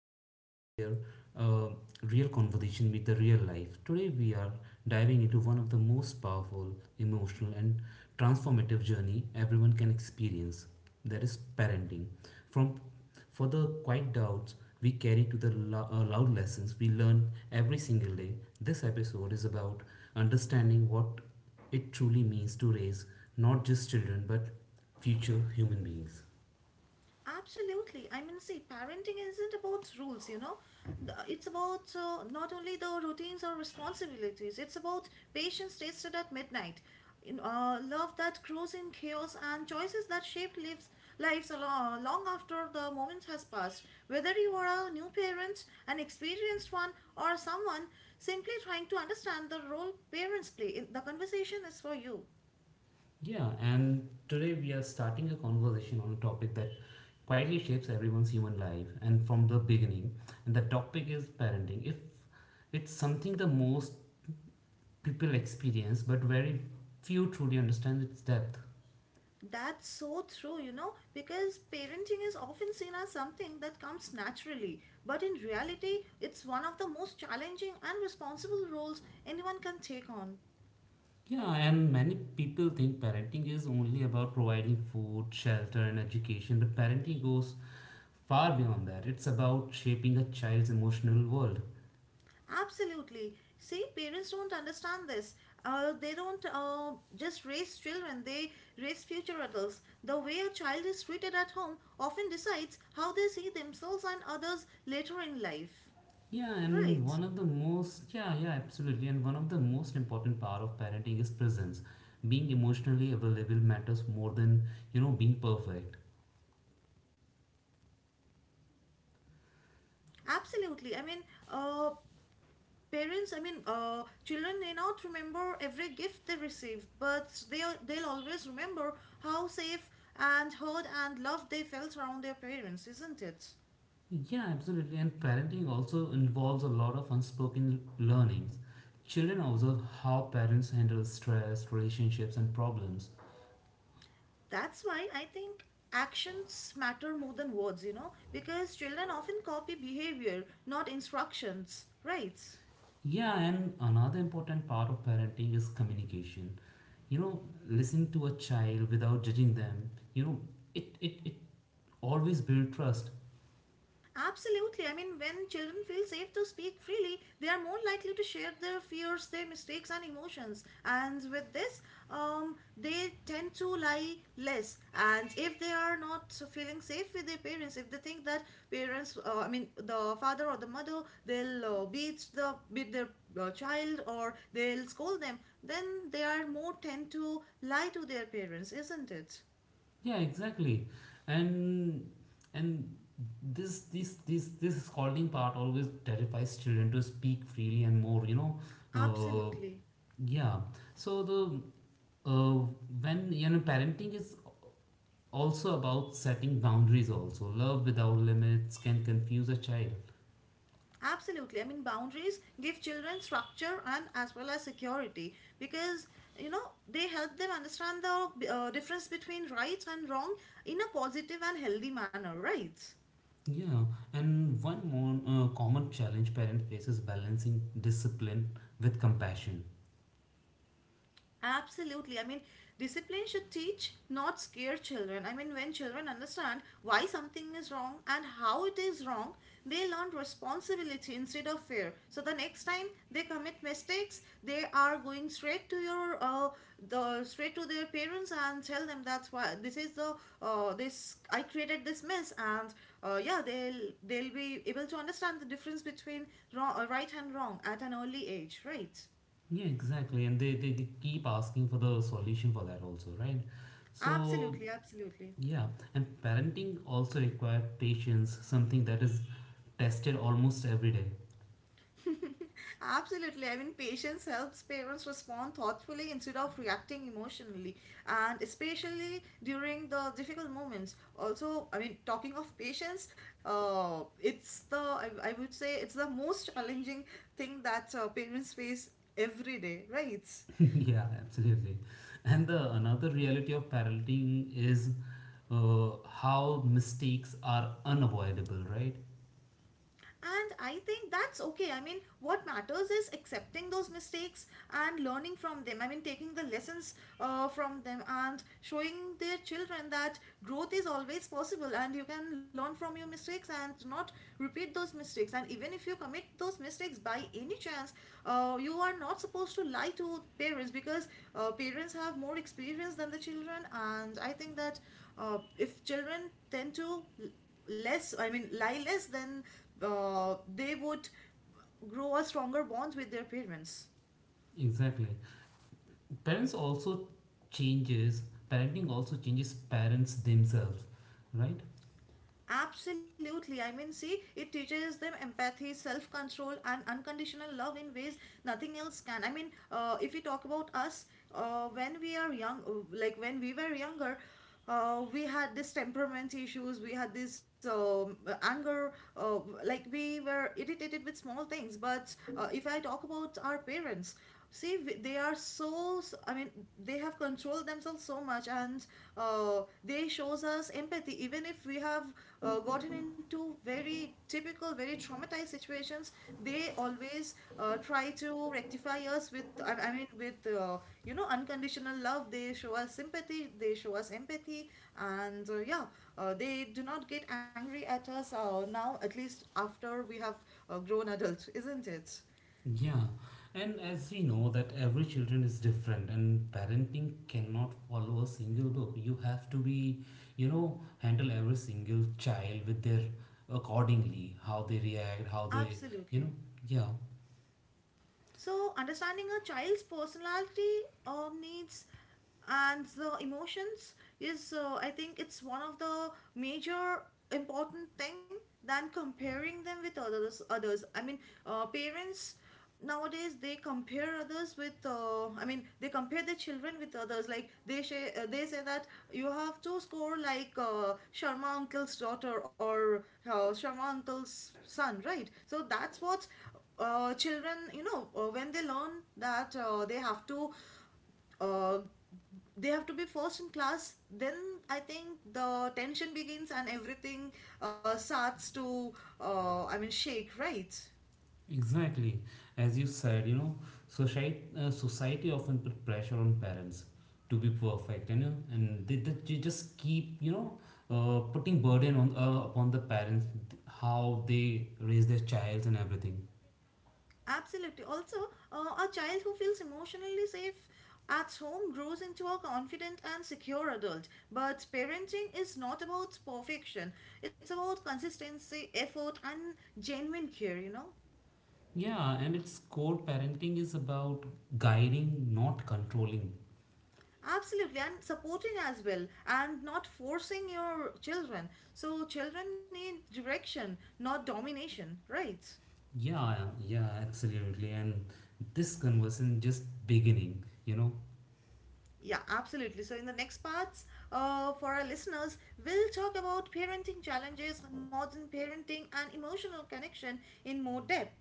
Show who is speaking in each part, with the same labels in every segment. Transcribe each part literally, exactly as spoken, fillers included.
Speaker 1: a space where uh, real conversation meet the real life. Today, we are diving into one of the most powerful, emotional, and transformative journey everyone can experience. That is parenting. From for the quiet doubts we carry to the lo- uh, loud lessons we learn every single day, this episode is about understanding what it truly means to raise not just children but future human beings.
Speaker 2: Absolutely. I mean, see, parenting isn't about rules, you know. The- It's about uh, not only the routines or responsibilities, it's about patience tasted at midnight, in, uh, love that grows in chaos, and choices that shape lives, lives along, long after the moment has passed. Whether you are a new parent, an experienced one, or someone simply trying to understand the role parents play, in- the conversation is for you.
Speaker 1: Yeah, and today we are starting a conversation on a topic that quietly shapes everyone's human life and from the beginning. And the topic is parenting. If it's something the most people experience, but very few truly understand its depth.
Speaker 2: That's so true, you know, because parenting is often seen as something that comes naturally, but in reality, it's one of the most challenging and responsible roles anyone can take on.
Speaker 1: Yeah, and many people think parenting is only about providing food, shelter, and education, but parenting goes far beyond that. It's about shaping a child's emotional world.
Speaker 2: Absolutely. See, parents don't understand this. Uh, they don't uh, just raise children, they raise future adults. The way a child is treated at home often decides how they see themselves and others later in life.
Speaker 1: Yeah, and
Speaker 2: Right.
Speaker 1: one of the most, yeah, yeah, absolutely. And one of the most important part of parenting is presence. Being emotionally available matters more than, you know, being perfect.
Speaker 2: Absolutely. I mean, uh, parents i mean uh, children may not remember every gift they received, but they they'll always remember how safe and heard and loved they felt around their parents, isn't it?
Speaker 1: Yeah, absolutely. And parenting also involves a lot of unspoken learnings. Children observe how parents handle stress, relationships, and problems.
Speaker 2: That's why I think actions matter more than words, you know, because children often copy behavior, not instructions, right?
Speaker 1: Yeah, and another important part of parenting is communication. You know, Listening to a child without judging them, you know, it, it, it always builds trust.
Speaker 2: Absolutely. I mean, when children feel safe to speak freely, they are more likely to share their fears, their mistakes, and emotions. And with this, um, they tend to lie less. And if they are not feeling safe with their parents, if they think that parents, uh, I mean, the father or the mother, they'll uh, beat the beat their uh, child, or they'll scold them, then they are more tend to lie to their parents, isn't it?
Speaker 1: Yeah, exactly. And and this this this this scolding part always terrifies children to speak freely and more, you know. Uh,
Speaker 2: Absolutely.
Speaker 1: yeah. So the uh, when you know parenting is also about setting boundaries also. Love without limits can confuse a child.
Speaker 2: Absolutely. I mean, boundaries give children structure and as well as security, because you know they help them understand the uh, difference between right and wrong in a positive and healthy manner, right?
Speaker 1: Yeah, and one more uh, common challenge parent faces balancing discipline with compassion.
Speaker 2: Absolutely. I mean, discipline should teach, not scare children. I mean, when children understand why something is wrong and how it is wrong, they learn responsibility instead of fear. So the next time they commit mistakes, they are going straight to your uh, the straight to their parents and tell them, that's why this is the uh, this I created this mess. And uh, yeah, they'll they'll be able to understand the difference between wrong, uh, right and wrong at an early age, right?
Speaker 1: Yeah, exactly. And they, they, they keep asking for the solution for that also, right? So,
Speaker 2: Absolutely, absolutely.
Speaker 1: yeah. And parenting also requires patience, something that is tested almost every day.
Speaker 2: Absolutely. I mean, patience helps parents respond thoughtfully instead of reacting emotionally, and especially during the difficult moments. Also, I mean, talking of patience, uh, it's the I, I would say it's the most challenging thing that uh, parents face every day, right?
Speaker 1: Yeah, absolutely. And the another reality of parenting is uh, how mistakes are unavoidable, right?
Speaker 2: And I think that's okay. I mean, what matters is accepting those mistakes and learning from them. I mean, taking the lessons uh, from them and showing their children that growth is always possible, and you can learn from your mistakes and not repeat those mistakes. And even if you commit those mistakes by any chance, uh, you are not supposed to lie to parents, because uh, parents have more experience than the children. And I think that uh, if children tend to less I mean lie less, then uh, they would grow a stronger bonds with their parents.
Speaker 1: Exactly. Parents also changes, parenting also changes parents themselves, right?
Speaker 2: Absolutely. I mean, see, it teaches them empathy, self-control, and unconditional love in ways nothing else can. I mean, uh, if we talk about us, uh, when we are young uh, like when we were younger, uh, we had this temperament issues, we had this um, anger, uh, like we were irritated with small things. But uh, if I talk about our parents, See, w- they are so. S- I mean, they have controlled themselves so much, and uh, they shows us empathy. Even if we have uh, gotten into very typical, very traumatized situations, they always uh, try to rectify us with. I, I mean, with uh, you know, unconditional love. They show us sympathy, they show us empathy, and uh, yeah, uh, they do not get angry at us uh, now. At least after we have uh, grown adult, isn't it?
Speaker 1: Yeah, and as we know that every children is different and parenting cannot follow a single book. You have to be, you know, handle every single child with their accordingly, how they react, how they, you know,
Speaker 2: Absolutely.
Speaker 1: yeah,
Speaker 2: So, understanding a child's personality or needs and the emotions is, uh, I think, it's one of the major important thing than comparing them with others. Others, I mean, uh, parents nowadays, they compare others with uh, i mean they compare their children with others. Like they say, uh, they say that you have to score like uh, Sharma uncle's daughter or uh, Sharma uncle's son, right? So that's what uh, children, you know, uh, when they learn that uh, they have to uh, they have to be first in class, then I think the tension begins, and everything uh, starts to uh, i mean shake right?
Speaker 1: exactly. As you said, you know, society uh, society often put pressure on parents to be perfect, you know, and they, they ju- just keep, you know, uh, putting burden on uh, upon the parents how they raise their child and everything.
Speaker 2: Absolutely. Also, uh, a child who feels emotionally safe at home grows into a confident and secure adult. But parenting is not about perfection, it's about consistency, effort, and genuine care, you know.
Speaker 1: Yeah, and its core parenting is about guiding, not controlling.
Speaker 2: Absolutely, and supporting as well, and not forcing your children. So, children need direction, not domination, right?
Speaker 1: Yeah, yeah, absolutely. And this conversation just beginning, you know.
Speaker 2: Yeah, absolutely. So, in the next parts, uh, for our listeners, we'll talk about parenting challenges, modern parenting, and emotional connection in more depth.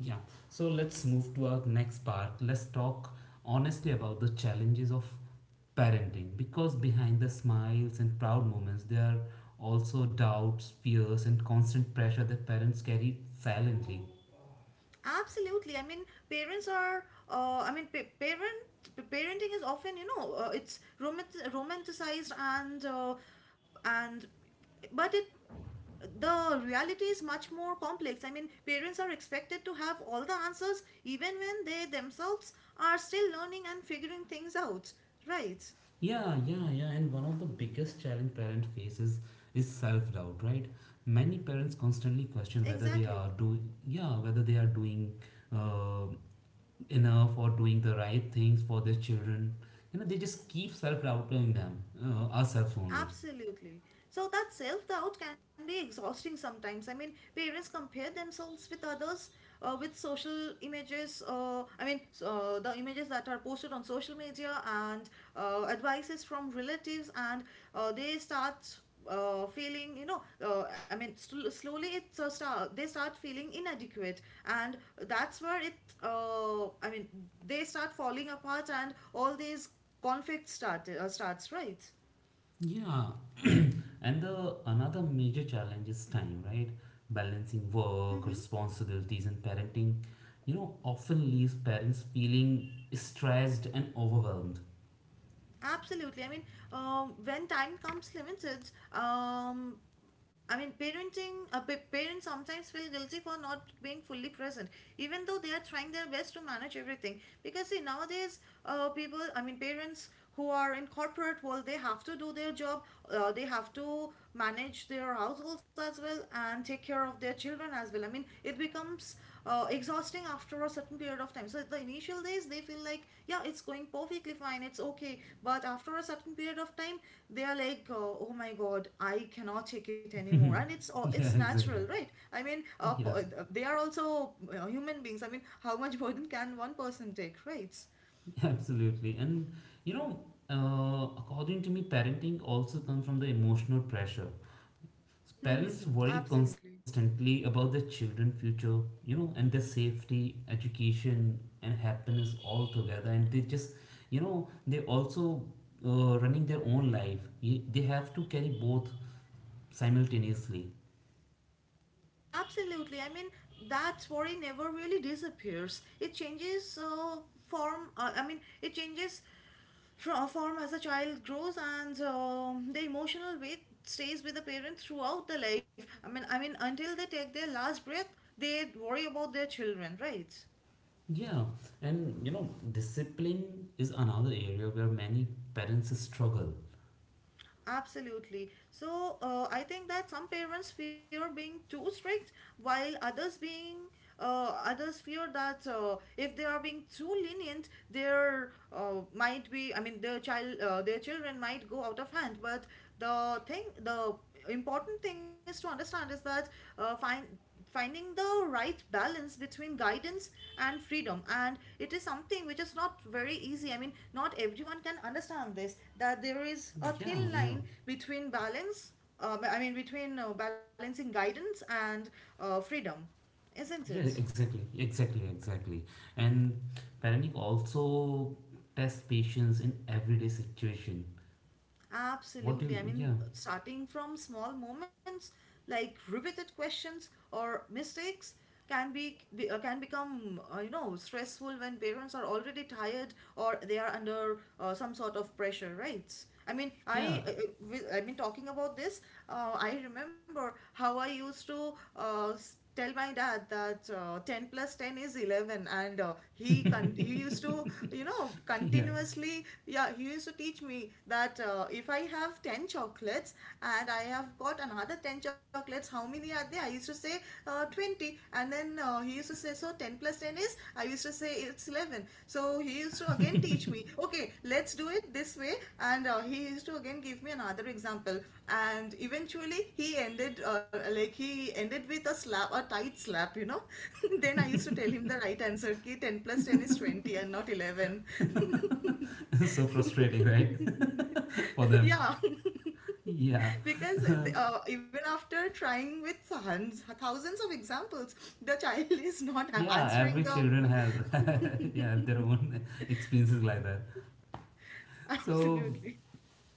Speaker 1: Yeah. So let's move to our next part. Let's talk honestly about the challenges of parenting because behind the smiles and proud moments there are also doubts, fears and constant pressure that parents carry silently.
Speaker 2: Absolutely. I mean, parents are. Uh, I mean, pa- parent parenting is often, you know, uh, it's romant- romanticized and uh, and but it the reality is much more complex. I mean, parents are expected to have all the answers, even when they themselves are still learning and figuring things out, right?
Speaker 1: Yeah, yeah, yeah. And one of the biggest challenge parent faces is self-doubt, right? Many parents constantly question whether they
Speaker 2: Exactly.
Speaker 1: are doing, yeah, whether they are doing uh, enough or doing the right things for their children. You know, they just keep self-doubting them, uh, ourselves only.
Speaker 2: Absolutely. So that self doubt can be exhausting sometimes. I mean, parents compare themselves with others, uh, with social images. Uh, I mean, s- uh, the images that are posted on social media and uh, advices from relatives, and uh, they start uh, feeling, you know, uh, I mean, sl- slowly it's a start, they start feeling inadequate, and that's where it, uh, I mean, they start falling apart, and all these conflicts start uh, starts, right?
Speaker 1: Yeah, and the another major challenge is time, right? Balancing work, responsibilities, and parenting, you know, often leaves parents feeling stressed and overwhelmed.
Speaker 2: Absolutely. I mean, um, when time comes limited. um, I mean, parenting, uh, pa- Parents sometimes feel guilty for not being fully present, even though they are trying their best to manage everything. Because see, nowadays, uh, people, I mean, parents who are in corporate world, they have to do their job, uh, they have to manage their households as well, and take care of their children as well. I mean, it becomes uh, exhausting after a certain period of time. So the initial days they feel like, yeah, it's going perfectly fine, it's okay. But after a certain period of time, they are like, uh, oh my god, I cannot take it anymore. And it's uh, it's
Speaker 1: Yeah,
Speaker 2: natural,
Speaker 1: exactly.
Speaker 2: right. I mean uh, p-
Speaker 1: Yeah,
Speaker 2: uh, they are also uh, human beings. I mean, how much burden can one person take, right?
Speaker 1: absolutely. And you know, uh, according to me, parenting also comes from the emotional pressure.
Speaker 2: Hmm.
Speaker 1: Parents worry
Speaker 2: Absolutely.
Speaker 1: constantly about their children's future, you know, and their safety, education, and happiness all together. And they just, you know, they also uh, running their own life. Ye- They have to carry both simultaneously.
Speaker 2: Absolutely. I mean, that worry never really disappears. It changes uh, form. Uh, I mean, it changes fro- form as a child grows, and um the emotional weight stays with the parent throughout the life. I mean i mean until they take their last breath, they worry about their children, right?
Speaker 1: Yeah, and you know, discipline is another area where many parents struggle.
Speaker 2: Absolutely. So uh, I think that some parents fear being too strict, while others being uh, others fear that uh, if they are being too lenient, their uh, might be I mean their child uh, their children might go out of hand. But the thing the important thing is to understand is that uh, find finding the right balance between guidance and freedom, and it is something which is not very easy. I mean, not everyone can understand this, that there is a thin
Speaker 1: Yeah,
Speaker 2: line
Speaker 1: yeah,
Speaker 2: between balance. Uh, i mean between uh, balancing guidance and uh, freedom, isn't it?
Speaker 1: yeah, exactly, exactly, exactly. And parenting also tests patience in everyday situation. What do
Speaker 2: Absolutely. I
Speaker 1: you, yeah,
Speaker 2: mean, starting from small moments like repeated questions or mistakes can be, be uh, can become, uh, you know, stressful when parents are already tired, or they are under uh, some sort of pressure, right? I mean,
Speaker 1: yeah,
Speaker 2: I uh, uh, with- I mean Talking about this, uh, I remember how I used to uh, s- tell my dad that uh, ten plus ten is eleven. And uh, he con- he used to, you know,
Speaker 1: yeah,
Speaker 2: continuously, yeah, he used to teach me that, uh, if I have ten chocolates and I have got another ten chocolates, how many are there? I used to say uh, twenty. And then uh, he used to say, so ten plus ten is? I used to say, it's eleven. So he used to again teach me, okay, let's do it this way. And uh, he used to again give me another example, and eventually he ended, uh, like he ended with a slap, a tight slap, you know. Then I used to tell him the right answer ki ten plus ten is twenty and not eleven.
Speaker 1: so frustrating, right? For them.
Speaker 2: Yeah.
Speaker 1: Yeah,
Speaker 2: Because uh, even after trying with thousands, thousands of examples, the child is not a-
Speaker 1: yeah,
Speaker 2: answering
Speaker 1: every
Speaker 2: the.
Speaker 1: children has, yeah, have their own experiences like that. So,
Speaker 2: Absolutely.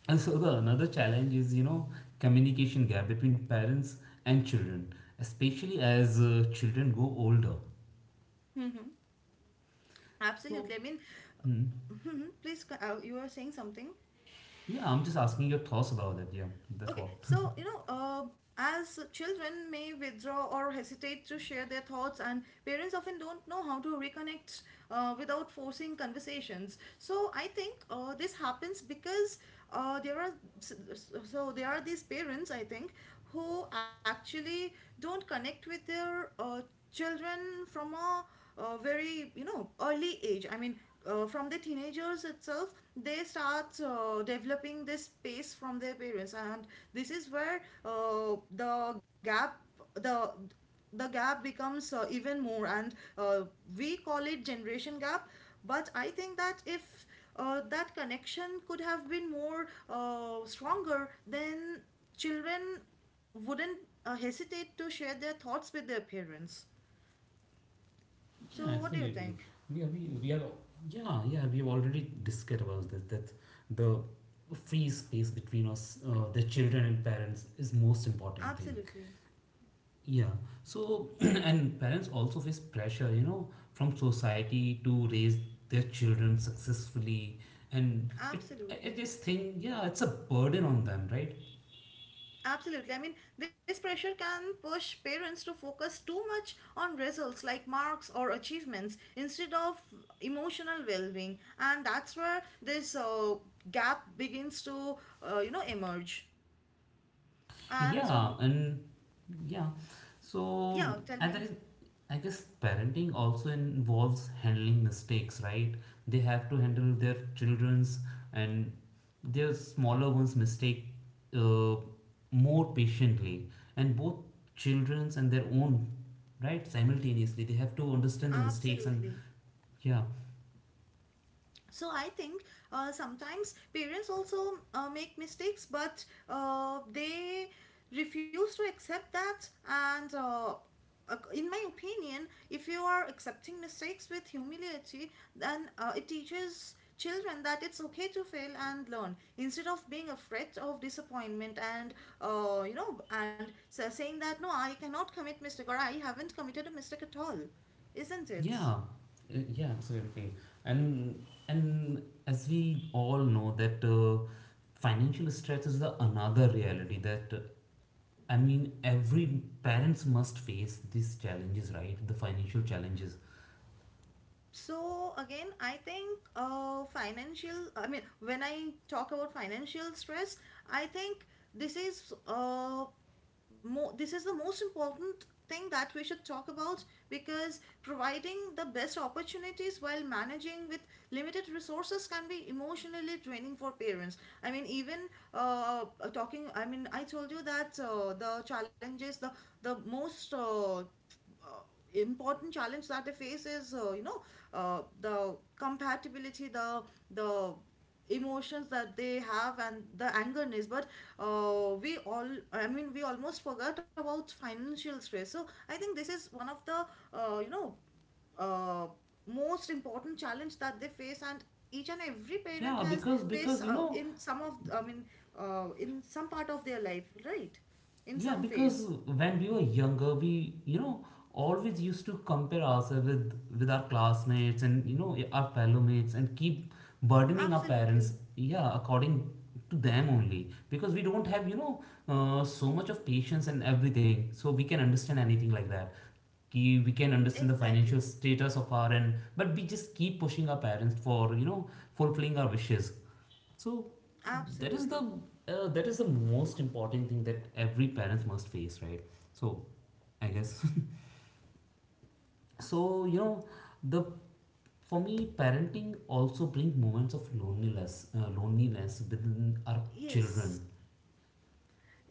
Speaker 1: and so the another challenge is, you know, communication gap between parents and children, especially as uh, children go older.
Speaker 2: Mhm. Absolutely,
Speaker 1: So,
Speaker 2: I mean.
Speaker 1: hmm.
Speaker 2: Mhm. Please co- uh, you were saying something?
Speaker 1: Yeah, I'm just asking your thoughts about it. Yeah, that's
Speaker 2: Okay,
Speaker 1: what.
Speaker 2: so you know, uh, as children may withdraw or hesitate to share their thoughts, and parents often don't know how to reconnect uh, without forcing conversations. So I think uh, this happens because uh, there are so there are these parents, I think, who actually don't connect with their uh, children from a uh, very, you know, early age. I mean, uh, from the teenagers itself they start uh, developing this space from their parents, and this is where uh, the gap, the the gap becomes uh, even more, and uh, we call it generation gap. But I think that if uh, that connection could have been more uh, stronger, then children wouldn't uh, hesitate to share their thoughts with their parents.
Speaker 1: Yeah, absolutely.
Speaker 2: So what do you
Speaker 1: We are,
Speaker 2: think?
Speaker 1: we, we are, yeah, yeah, we have already discussed about this that the free space between us, uh, the children and parents, is most important thing.
Speaker 2: Absolutely.
Speaker 1: Yeah. So, and parents also face pressure, you know, from society to raise their children successfully, and it, I I
Speaker 2: Absolutely.
Speaker 1: just think, yeah, it's a burden on them, right?
Speaker 2: Absolutely. I mean, this pressure can push parents to focus too much on results like marks or achievements instead of emotional well-being, and that's where this uh, gap begins to, uh, you know, emerge. And
Speaker 1: Yeah,
Speaker 2: um,
Speaker 1: and yeah,
Speaker 2: Yeah,
Speaker 1: so
Speaker 2: tell me.
Speaker 1: and i i guess parenting also involves handling mistakes, right? They have to handle their children's and their smaller ones mistake uh, more patiently and both children's and their own, right? Simultaneously they have to understand the mistakes and
Speaker 2: Absolutely.
Speaker 1: yeah.
Speaker 2: So I think uh, sometimes parents also uh, make mistakes, but uh, they refuse to accept that. And uh, ac- in my opinion, if you are accepting mistakes with humility, then uh, it teaches children that it's okay to fail and learn instead of being afraid of disappointment, and uh, you know, and sa- saying that no, I cannot commit mistake, or I haven't committed a mistake at all, isn't it?
Speaker 1: Yeah, uh, yeah, absolutely. And and as we all know that uh, financial stress is the another reality that uh, I mean every parents must face these challenges, right? The financial challenges.
Speaker 2: So again, I think uh, financial, I mean, when I talk about financial stress, I think this is uh, mo- this is the most important thing that we should talk about, because providing the best opportunities while managing with limited resources can be emotionally draining for parents. I mean, even uh, talking I mean I told you that uh, the challenges, the the most uh, uh, important challenge that they face is, uh, you know, uh, the compatibility, the the emotions that they have, and the angerness. But uh, we all, I mean, we almost forgot about financial stress. So I think this is one of the uh, you know, uh, most important challenge that they face, and each and every parent
Speaker 1: Yeah,
Speaker 2: has
Speaker 1: because
Speaker 2: faced,
Speaker 1: because you
Speaker 2: uh,
Speaker 1: know.
Speaker 2: in some of I mean, uh, in some part of their life, right? In
Speaker 1: Yeah,
Speaker 2: some
Speaker 1: because
Speaker 2: phase.
Speaker 1: when we were younger, we you know always used to compare ourselves with with our classmates and you know our fellow mates and keep burdening our
Speaker 2: Absolutely.
Speaker 1: parents. Yeah, according to them only because we don't have you know uh, so much of patience and everything, so we can understand anything like that. कि we can understand the
Speaker 2: Exactly.
Speaker 1: financial status of our end, but we just keep pushing our parents for you know fulfilling our wishes. So that is the
Speaker 2: Absolutely.
Speaker 1: uh, that is the most important thing that every parents must face, right? So I guess so you know the for me parenting also bring moments of loneliness uh, loneliness within our children.
Speaker 2: Yes.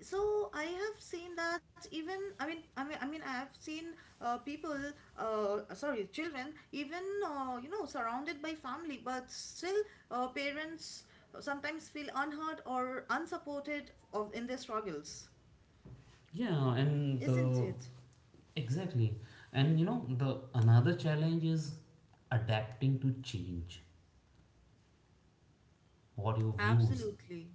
Speaker 2: So I have seen that even, I mean I mean I mean I have seen uh, people, uh, sorry, children, even, uh, you know, surrounded by family, but still, uh, parents sometimes feel unheard or unsupported of in their struggles,
Speaker 1: Yeah, and
Speaker 2: isn't it?
Speaker 1: the exactly, and you know the another challenge is adapting to change. What your views?
Speaker 2: Absolutely.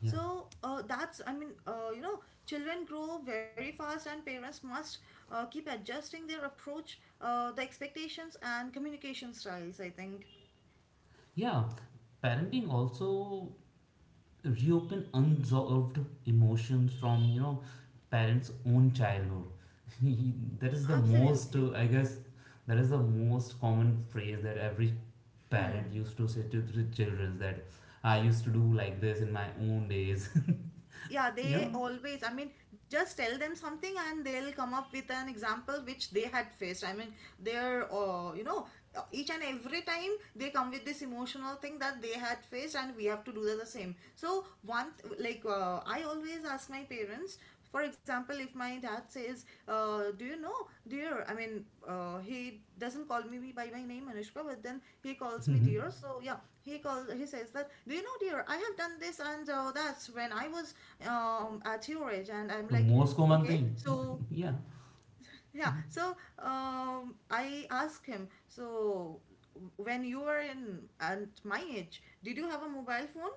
Speaker 1: Yeah,
Speaker 2: So uh, that's, I mean, uh, you know, children grow very fast, and parents must uh, keep adjusting their approach, uh, the expectations, and communication styles, I think.
Speaker 1: yeah. Parenting also reopen unsolved emotions from you know parents own childhood. That is the most
Speaker 2: Absolutely.
Speaker 1: uh, i guess that is the most common phrase that every parent
Speaker 2: Hmm.
Speaker 1: used to say to the children that I used to do like this in my own days.
Speaker 2: Yeah,
Speaker 1: You
Speaker 2: they
Speaker 1: know.
Speaker 2: always, I mean, just tell them something, and they'll come up with an example which they had faced. I mean, they're, uh, you know, uh, each and every time they come with this emotional thing that they had faced, and we have to do the the same. So, one, th- like, uh, I always ask my parents. For example, if my dad says, uh, "Do you know, dear?" I mean, uh, he doesn't call me by my name Anushka, but then he calls me
Speaker 1: Mhm.
Speaker 2: dear. So yeah, he calls. He says that, "Do you know, dear? I have done this, and uh, that's when I was um, at your age." And I'm
Speaker 1: The
Speaker 2: like,
Speaker 1: most common
Speaker 2: "Okay."
Speaker 1: thing.
Speaker 2: So
Speaker 1: Yeah,
Speaker 2: yeah, so um, I ask him. So when you were in at my age, did you have a mobile phone?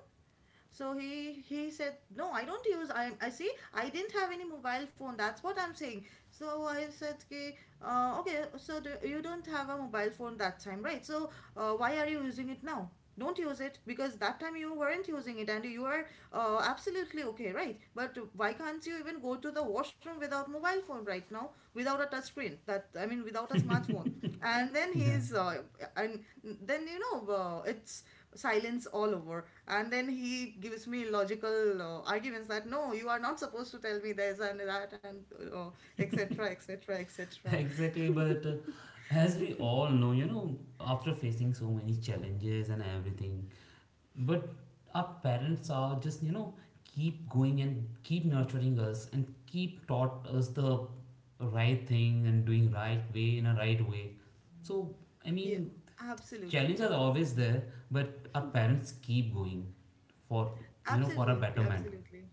Speaker 2: So he he said, "No, I don't use, i i see, I didn't have any mobile phone, that's what I'm saying." So I said, "Okay, uh, okay, so do, you don't have a mobile phone that time, right? So uh, why are you using it now? Don't use it, because that time you weren't using it, and you are uh, absolutely okay, right? But why can't you even go to the washroom without mobile phone right now, without a touch screen, that I mean, without a smartphone?" And then
Speaker 1: yeah.
Speaker 2: he's uh, and then you know, uh, it's silence all over. And then he gives me logical uh, arguments that, "No, you are not supposed to tell me this and that," and uh, etc etc etc.
Speaker 1: Exactly, but uh, as we all know you know after facing so many challenges and everything. But our parents are just, you know, keep going and keep nurturing us and keep taught us the right thing and doing right way in a right way. So, I
Speaker 2: yeah,
Speaker 1: mean,
Speaker 2: absolutely.
Speaker 1: challenges are always there, but our parents keep going for, you know, for a
Speaker 2: Absolutely.
Speaker 1: betterment.
Speaker 2: Absolutely.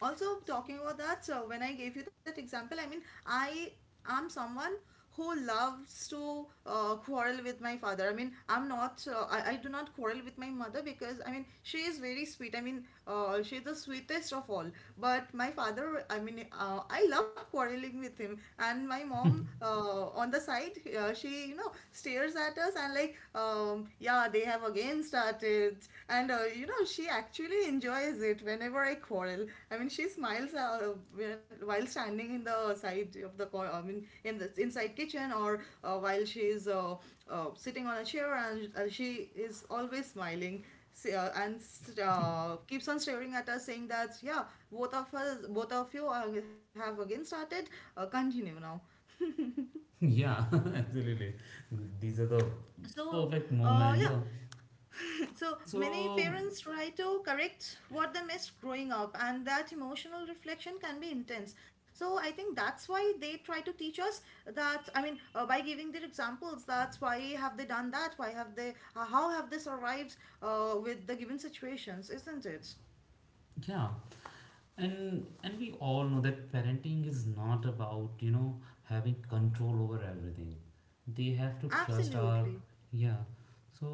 Speaker 2: Also, talking about that, so when I gave you that example, I mean, I am someone who loves to uh, quarrel with my father. I mean, I'm not uh, I, I do not quarrel with my mother, because I mean, she is very sweet. I mean, uh, she is the sweetest of all. But my father, I mean, uh, I love quarreling with him. And my mom, uh, on the side, uh, she, you know, stares at us, and like, um, yeah, they have again started. And uh, you know, she actually enjoys it whenever I quarrel. I mean, she smiles uh, while standing in the side of the cor- I mean, in the inside kitchen, or uh, while she is uh, uh, sitting on a chair, and uh, she is always smiling, s- uh, and uh, keeps on staring at us, saying that, "Yeah, both of us both of you are, have again started, uh, continue now."
Speaker 1: Yeah, absolutely. These are the
Speaker 2: so
Speaker 1: perfect
Speaker 2: uh,
Speaker 1: moment.
Speaker 2: yeah,
Speaker 1: Yeah.
Speaker 2: so many
Speaker 1: So,
Speaker 2: parents try to correct what they missed growing up, and that emotional reflection can be intense. So I think that's why they try to teach us that. I mean, uh, by giving their examples, that's why have they done that? Why have they? Uh, how have they survived uh, with the given situations? Isn't it?
Speaker 1: yeah. and and we all know that parenting is not about you know having control over everything. They have to trust our,
Speaker 2: Absolutely.
Speaker 1: yeah, so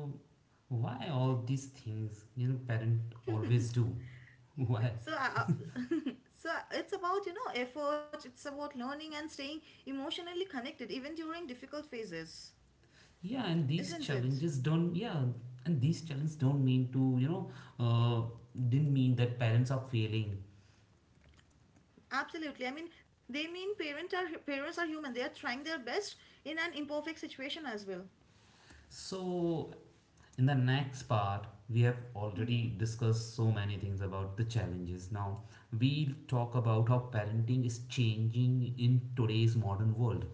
Speaker 1: why all these things you know parent always do. Why,
Speaker 2: So, uh, uh, so it's about, you know, effort. It's about learning and staying emotionally connected even during difficult phases,
Speaker 1: yeah, and these
Speaker 2: isn't it?
Speaker 1: challenges don't, yeah, and these challenges don't mean to you know uh, didn't mean that parents are failing.
Speaker 2: Absolutely. I mean, they mean parent are parents are human. They are trying their best in an imperfect situation as well.
Speaker 1: So, in the next part, we have already
Speaker 2: Hmm.
Speaker 1: discussed so many things about the challenges. Now, we'll talk about how parenting is changing in today's modern world.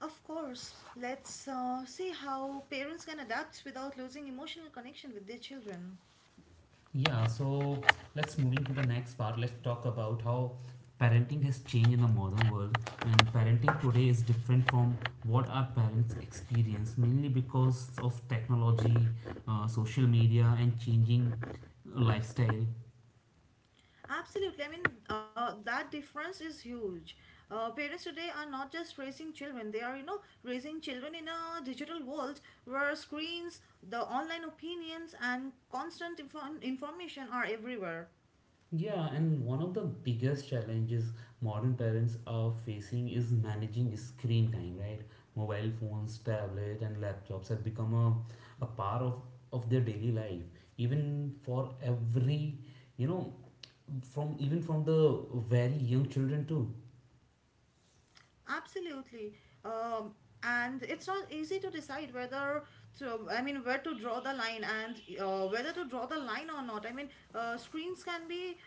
Speaker 2: Of course. Let's uh, see how parents can adapt without losing emotional connection with their children.
Speaker 1: Yeah, so let's move into the next part. Let's talk about how parenting has changed in the modern world. And parenting today is different from what our parents experienced, mainly because of technology, uh, social media, and changing lifestyle.
Speaker 2: Absolutely. I mean, uh, that difference is huge. Uh, parents today are not just raising children. They are, you know, raising children in a digital world where screens, the online opinions, and constant info- information are everywhere.
Speaker 1: Yeah, and one of the biggest challenges modern parents are facing is managing screen time, right? Mobile phones, tablet, and laptops have become a, a part of, of their daily life. Even for every, you know, from even from the very young children too.
Speaker 2: Absolutely. Um, and it's not easy to decide whether to, I mean, where to draw the line, and uh, whether to draw the line or not. I mean, uh, screens can be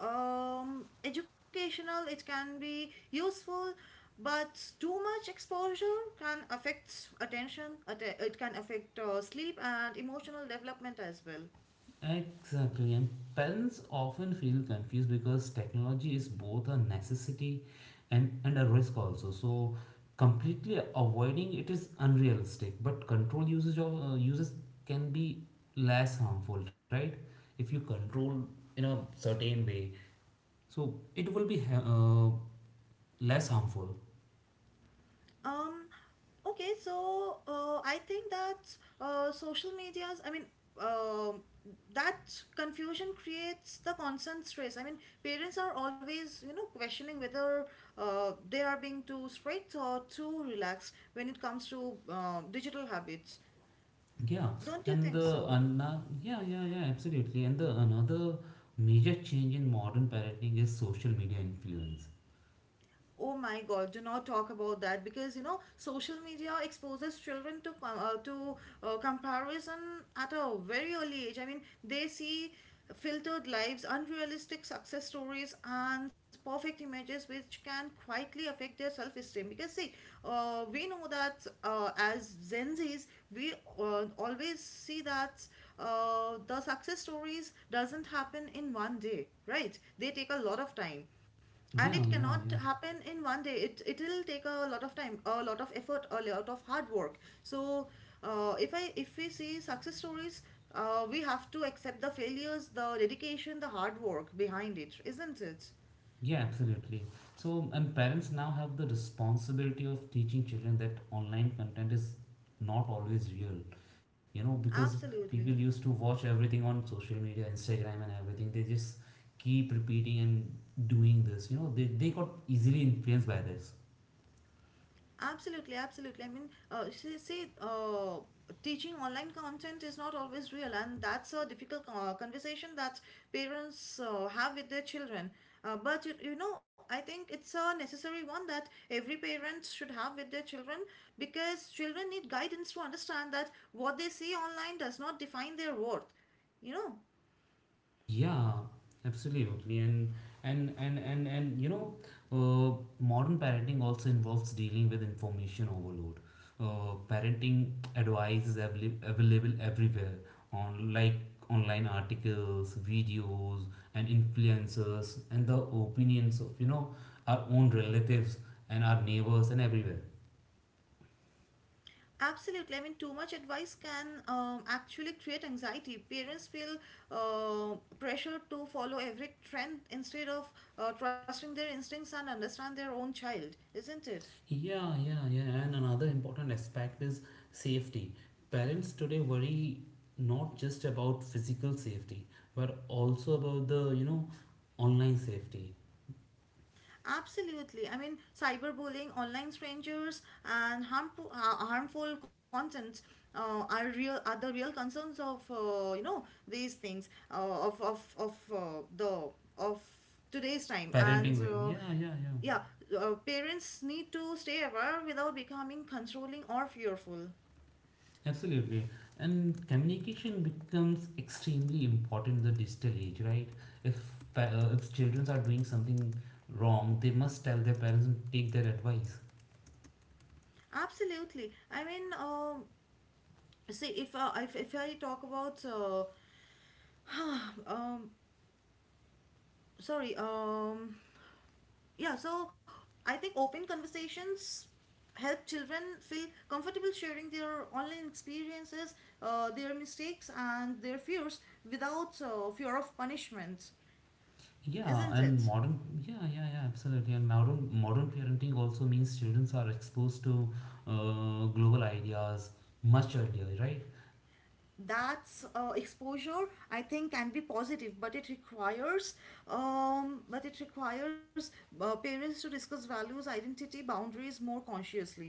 Speaker 2: um, educational, it can be useful, but too much exposure can affect attention, atte- it can affect uh, sleep and emotional development as well.
Speaker 1: Exactly, and parents often feel confused because technology is both a necessity and, and a risk also. So, completely avoiding it is unrealistic, but control usage of uh, uses can be less harmful, right? If you control in a certain way, so it will be ha- uh, less harmful.
Speaker 2: Um, okay, so uh, I think that uh, social medias, I mean, um that confusion creates the constant stress. I mean, parents are always, you know, questioning whether uh, they are being too strict or too relaxed when it comes to uh, digital habits.
Speaker 1: Yeah,
Speaker 2: Don't you
Speaker 1: and
Speaker 2: think
Speaker 1: the
Speaker 2: so?
Speaker 1: another, yeah yeah yeah, absolutely. And the another major change in modern parenting is social media influence.
Speaker 2: Oh my God, do not talk about that, because you know social media exposes children to com- uh, to uh, comparison at a very early age. I mean, they see filtered lives, unrealistic success stories, and perfect images, which can quietly affect their self esteem. Because see, uh, we know that uh, as Gen Zs, we uh, always see that uh, the success stories doesn't happen in one day, right? They take a lot of time, and it
Speaker 1: Yeah yeah
Speaker 2: cannot
Speaker 1: yeah
Speaker 2: happen in one day, it it'll take a lot of time, a lot of effort, a lot of hard work. So uh, if i if we see success stories, uh, we have to accept the failures, the dedication, the hard work behind it, isn't it?
Speaker 1: yeah absolutely. So and parents now have the responsibility of teaching children that online content is not always real. You know because people
Speaker 2: Absolutely.
Speaker 1: used to watch everything on social media, Instagram and everything. They just keep repeating and doing this. You know they they got easily influenced by this.
Speaker 2: Absolutely, absolutely. I mean, uh, say say, uh, teaching online content is not always real, and that's a difficult uh, conversation that parents uh, have with their children. Uh, but you, you know, I think it's a necessary one that every parent should have with their children, because children need guidance to understand that what they see online does not define their worth, you know.
Speaker 1: Yeah, absolutely. And and and and and you know, uh, modern parenting also involves dealing with information overload. Uh, parenting advice is avail- available everywhere on like online articles, videos, and influencers, and the opinions of you know our own relatives and our neighbors and everywhere.
Speaker 2: Absolutely. I mean, too much advice can um, actually create anxiety. Parents feel uh, pressure to follow every trend instead of uh, trusting their instincts and understand their own child, isn't it?
Speaker 1: Yeah, yeah, yeah. And another important aspect is safety. Parents today worry not just about physical safety, but also about the, you know, online safety.
Speaker 2: Absolutely. I mean, cyberbullying, online strangers, and harmful ha- harmful contents uh, are real are the real concerns of, uh, you know, these things, uh, of of of uh, the of today's time and.
Speaker 1: Parenting way.
Speaker 2: Uh,
Speaker 1: Yeah, yeah, yeah.
Speaker 2: yeah, uh, parents need to stay aware without becoming controlling or fearful.
Speaker 1: Absolutely. And communication becomes extremely important in the digital age, right? If pa- uh, if children are doing something wrong, they must tell their parents and take their advice.
Speaker 2: Absolutely. I mean, um, see, if uh, if if I talk about uh, um, sorry, um, yeah, so I think open conversations help children feel comfortable sharing their online experiences, uh, their mistakes and their fears, without uh, fear of punishment,
Speaker 1: Yeah,
Speaker 2: isn't
Speaker 1: and
Speaker 2: it?
Speaker 1: modern, yeah, yeah, yeah, absolutely. And modern modern parenting also means children are exposed to uh, global ideas much earlier, right?
Speaker 2: That's uh, exposure, I think, can be positive, but it requires um, but it requires uh, parents to discuss values, identity, boundaries more consciously.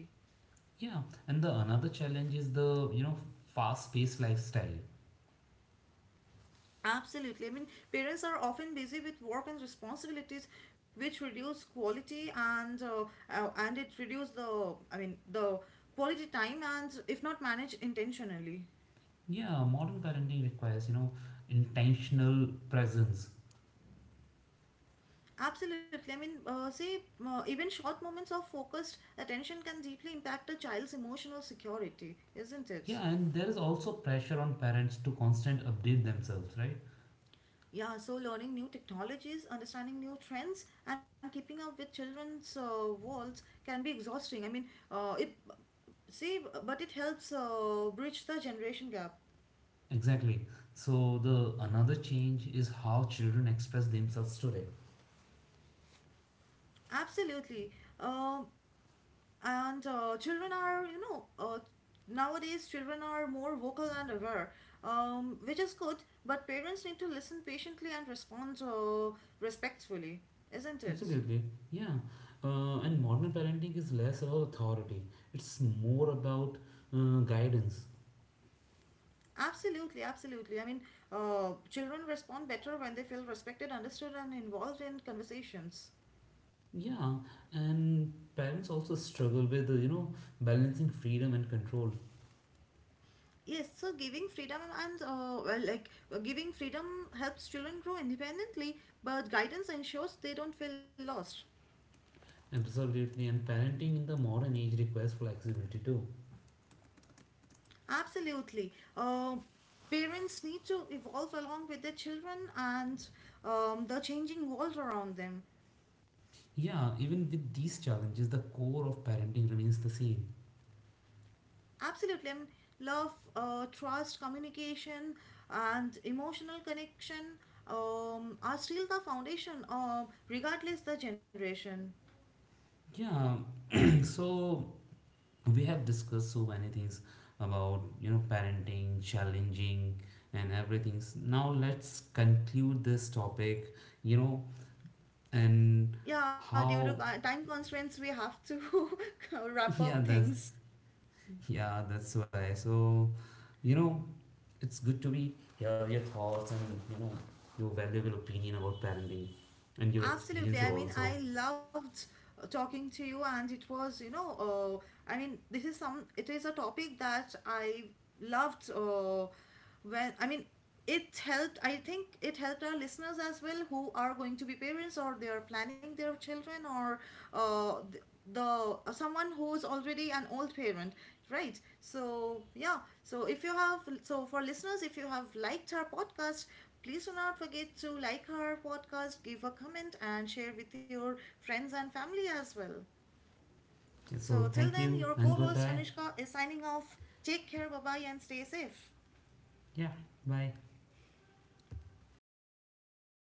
Speaker 1: Yeah, and the another challenge is the you know fast-paced lifestyle.
Speaker 2: Absolutely. I mean, parents are often busy with work and responsibilities, which reduce quality, and uh, uh, and it reduce the I mean the quality time, and if not managed intentionally.
Speaker 1: Yeah, modern parenting requires you know intentional presence.
Speaker 2: Absolutely. I mean, uh, see, uh, even short moments of focused attention can deeply impact a child's emotional security, isn't it?
Speaker 1: Yeah, and there is also pressure on parents to constant update themselves, right?
Speaker 2: Yeah, so learning new technologies, understanding new trends, and keeping up with children's uh, worlds can be exhausting. I mean, uh, it see, b- but it helps uh, bridge the generation gap.
Speaker 1: Exactly. So the another change is how children express themselves today.
Speaker 2: Absolutely. Um, and uh, children are, you know, uh, nowadays children are more vocal and aware, um, which is good, but parents need to listen patiently and respond uh, respectfully, isn't it?
Speaker 1: Absolutely. Yeah. Uh, and modern parenting is less about authority, it's more about uh, guidance.
Speaker 2: Absolutely, absolutely. I mean, uh, children respond better when they feel respected, understood, and involved in conversations.
Speaker 1: Yeah. And parents also struggle with, uh, you know, balancing freedom and control.
Speaker 2: Yes, so giving freedom and uh, well, like uh, giving freedom helps children grow independently, but guidance ensures they don't feel lost.
Speaker 1: Absolutely. And parenting in the modern age requires flexibility too.
Speaker 2: Absolutely. Uh, parents need to evolve along with their children and um, the changing world around them.
Speaker 1: Yeah. Even with these challenges, the core of parenting remains the same.
Speaker 2: Absolutely. I mean, love, uh, trust, communication, and emotional connection um, are still the foundation, uh, regardless the generation.
Speaker 1: Yeah. So we have discussed so many things about you know parenting challenging and everything. Now let's conclude this topic, you know, and
Speaker 2: Yeah, due to co-
Speaker 1: how.
Speaker 2: time constraints, we have to wrap up
Speaker 1: Yeah, that's,
Speaker 2: things.
Speaker 1: yeah, that's why. So you know it's good to be hear your thoughts and you know your valuable opinion about parenting and your
Speaker 2: Absolutely.
Speaker 1: experience
Speaker 2: I mean,
Speaker 1: also.
Speaker 2: I loved uh, talking to you, and it was, you know, uh, I mean, this is some, it is a topic that I loved uh, when, I mean, it helped, I think it helped our listeners as well, who are going to be parents, or they are planning their children, or uh, th- the uh, someone who's already an old parent. Right. So, yeah. So, if you have, so for listeners, if you have liked our podcast, please do not forget to like our podcast, give a comment, and share with your friends and family as well. So,
Speaker 1: So
Speaker 2: till
Speaker 1: thank
Speaker 2: then,
Speaker 1: you
Speaker 2: your
Speaker 1: and
Speaker 2: co host
Speaker 1: goodbye.
Speaker 2: Anushka is signing off. Take care. Bye bye and stay safe.
Speaker 1: Yeah, bye.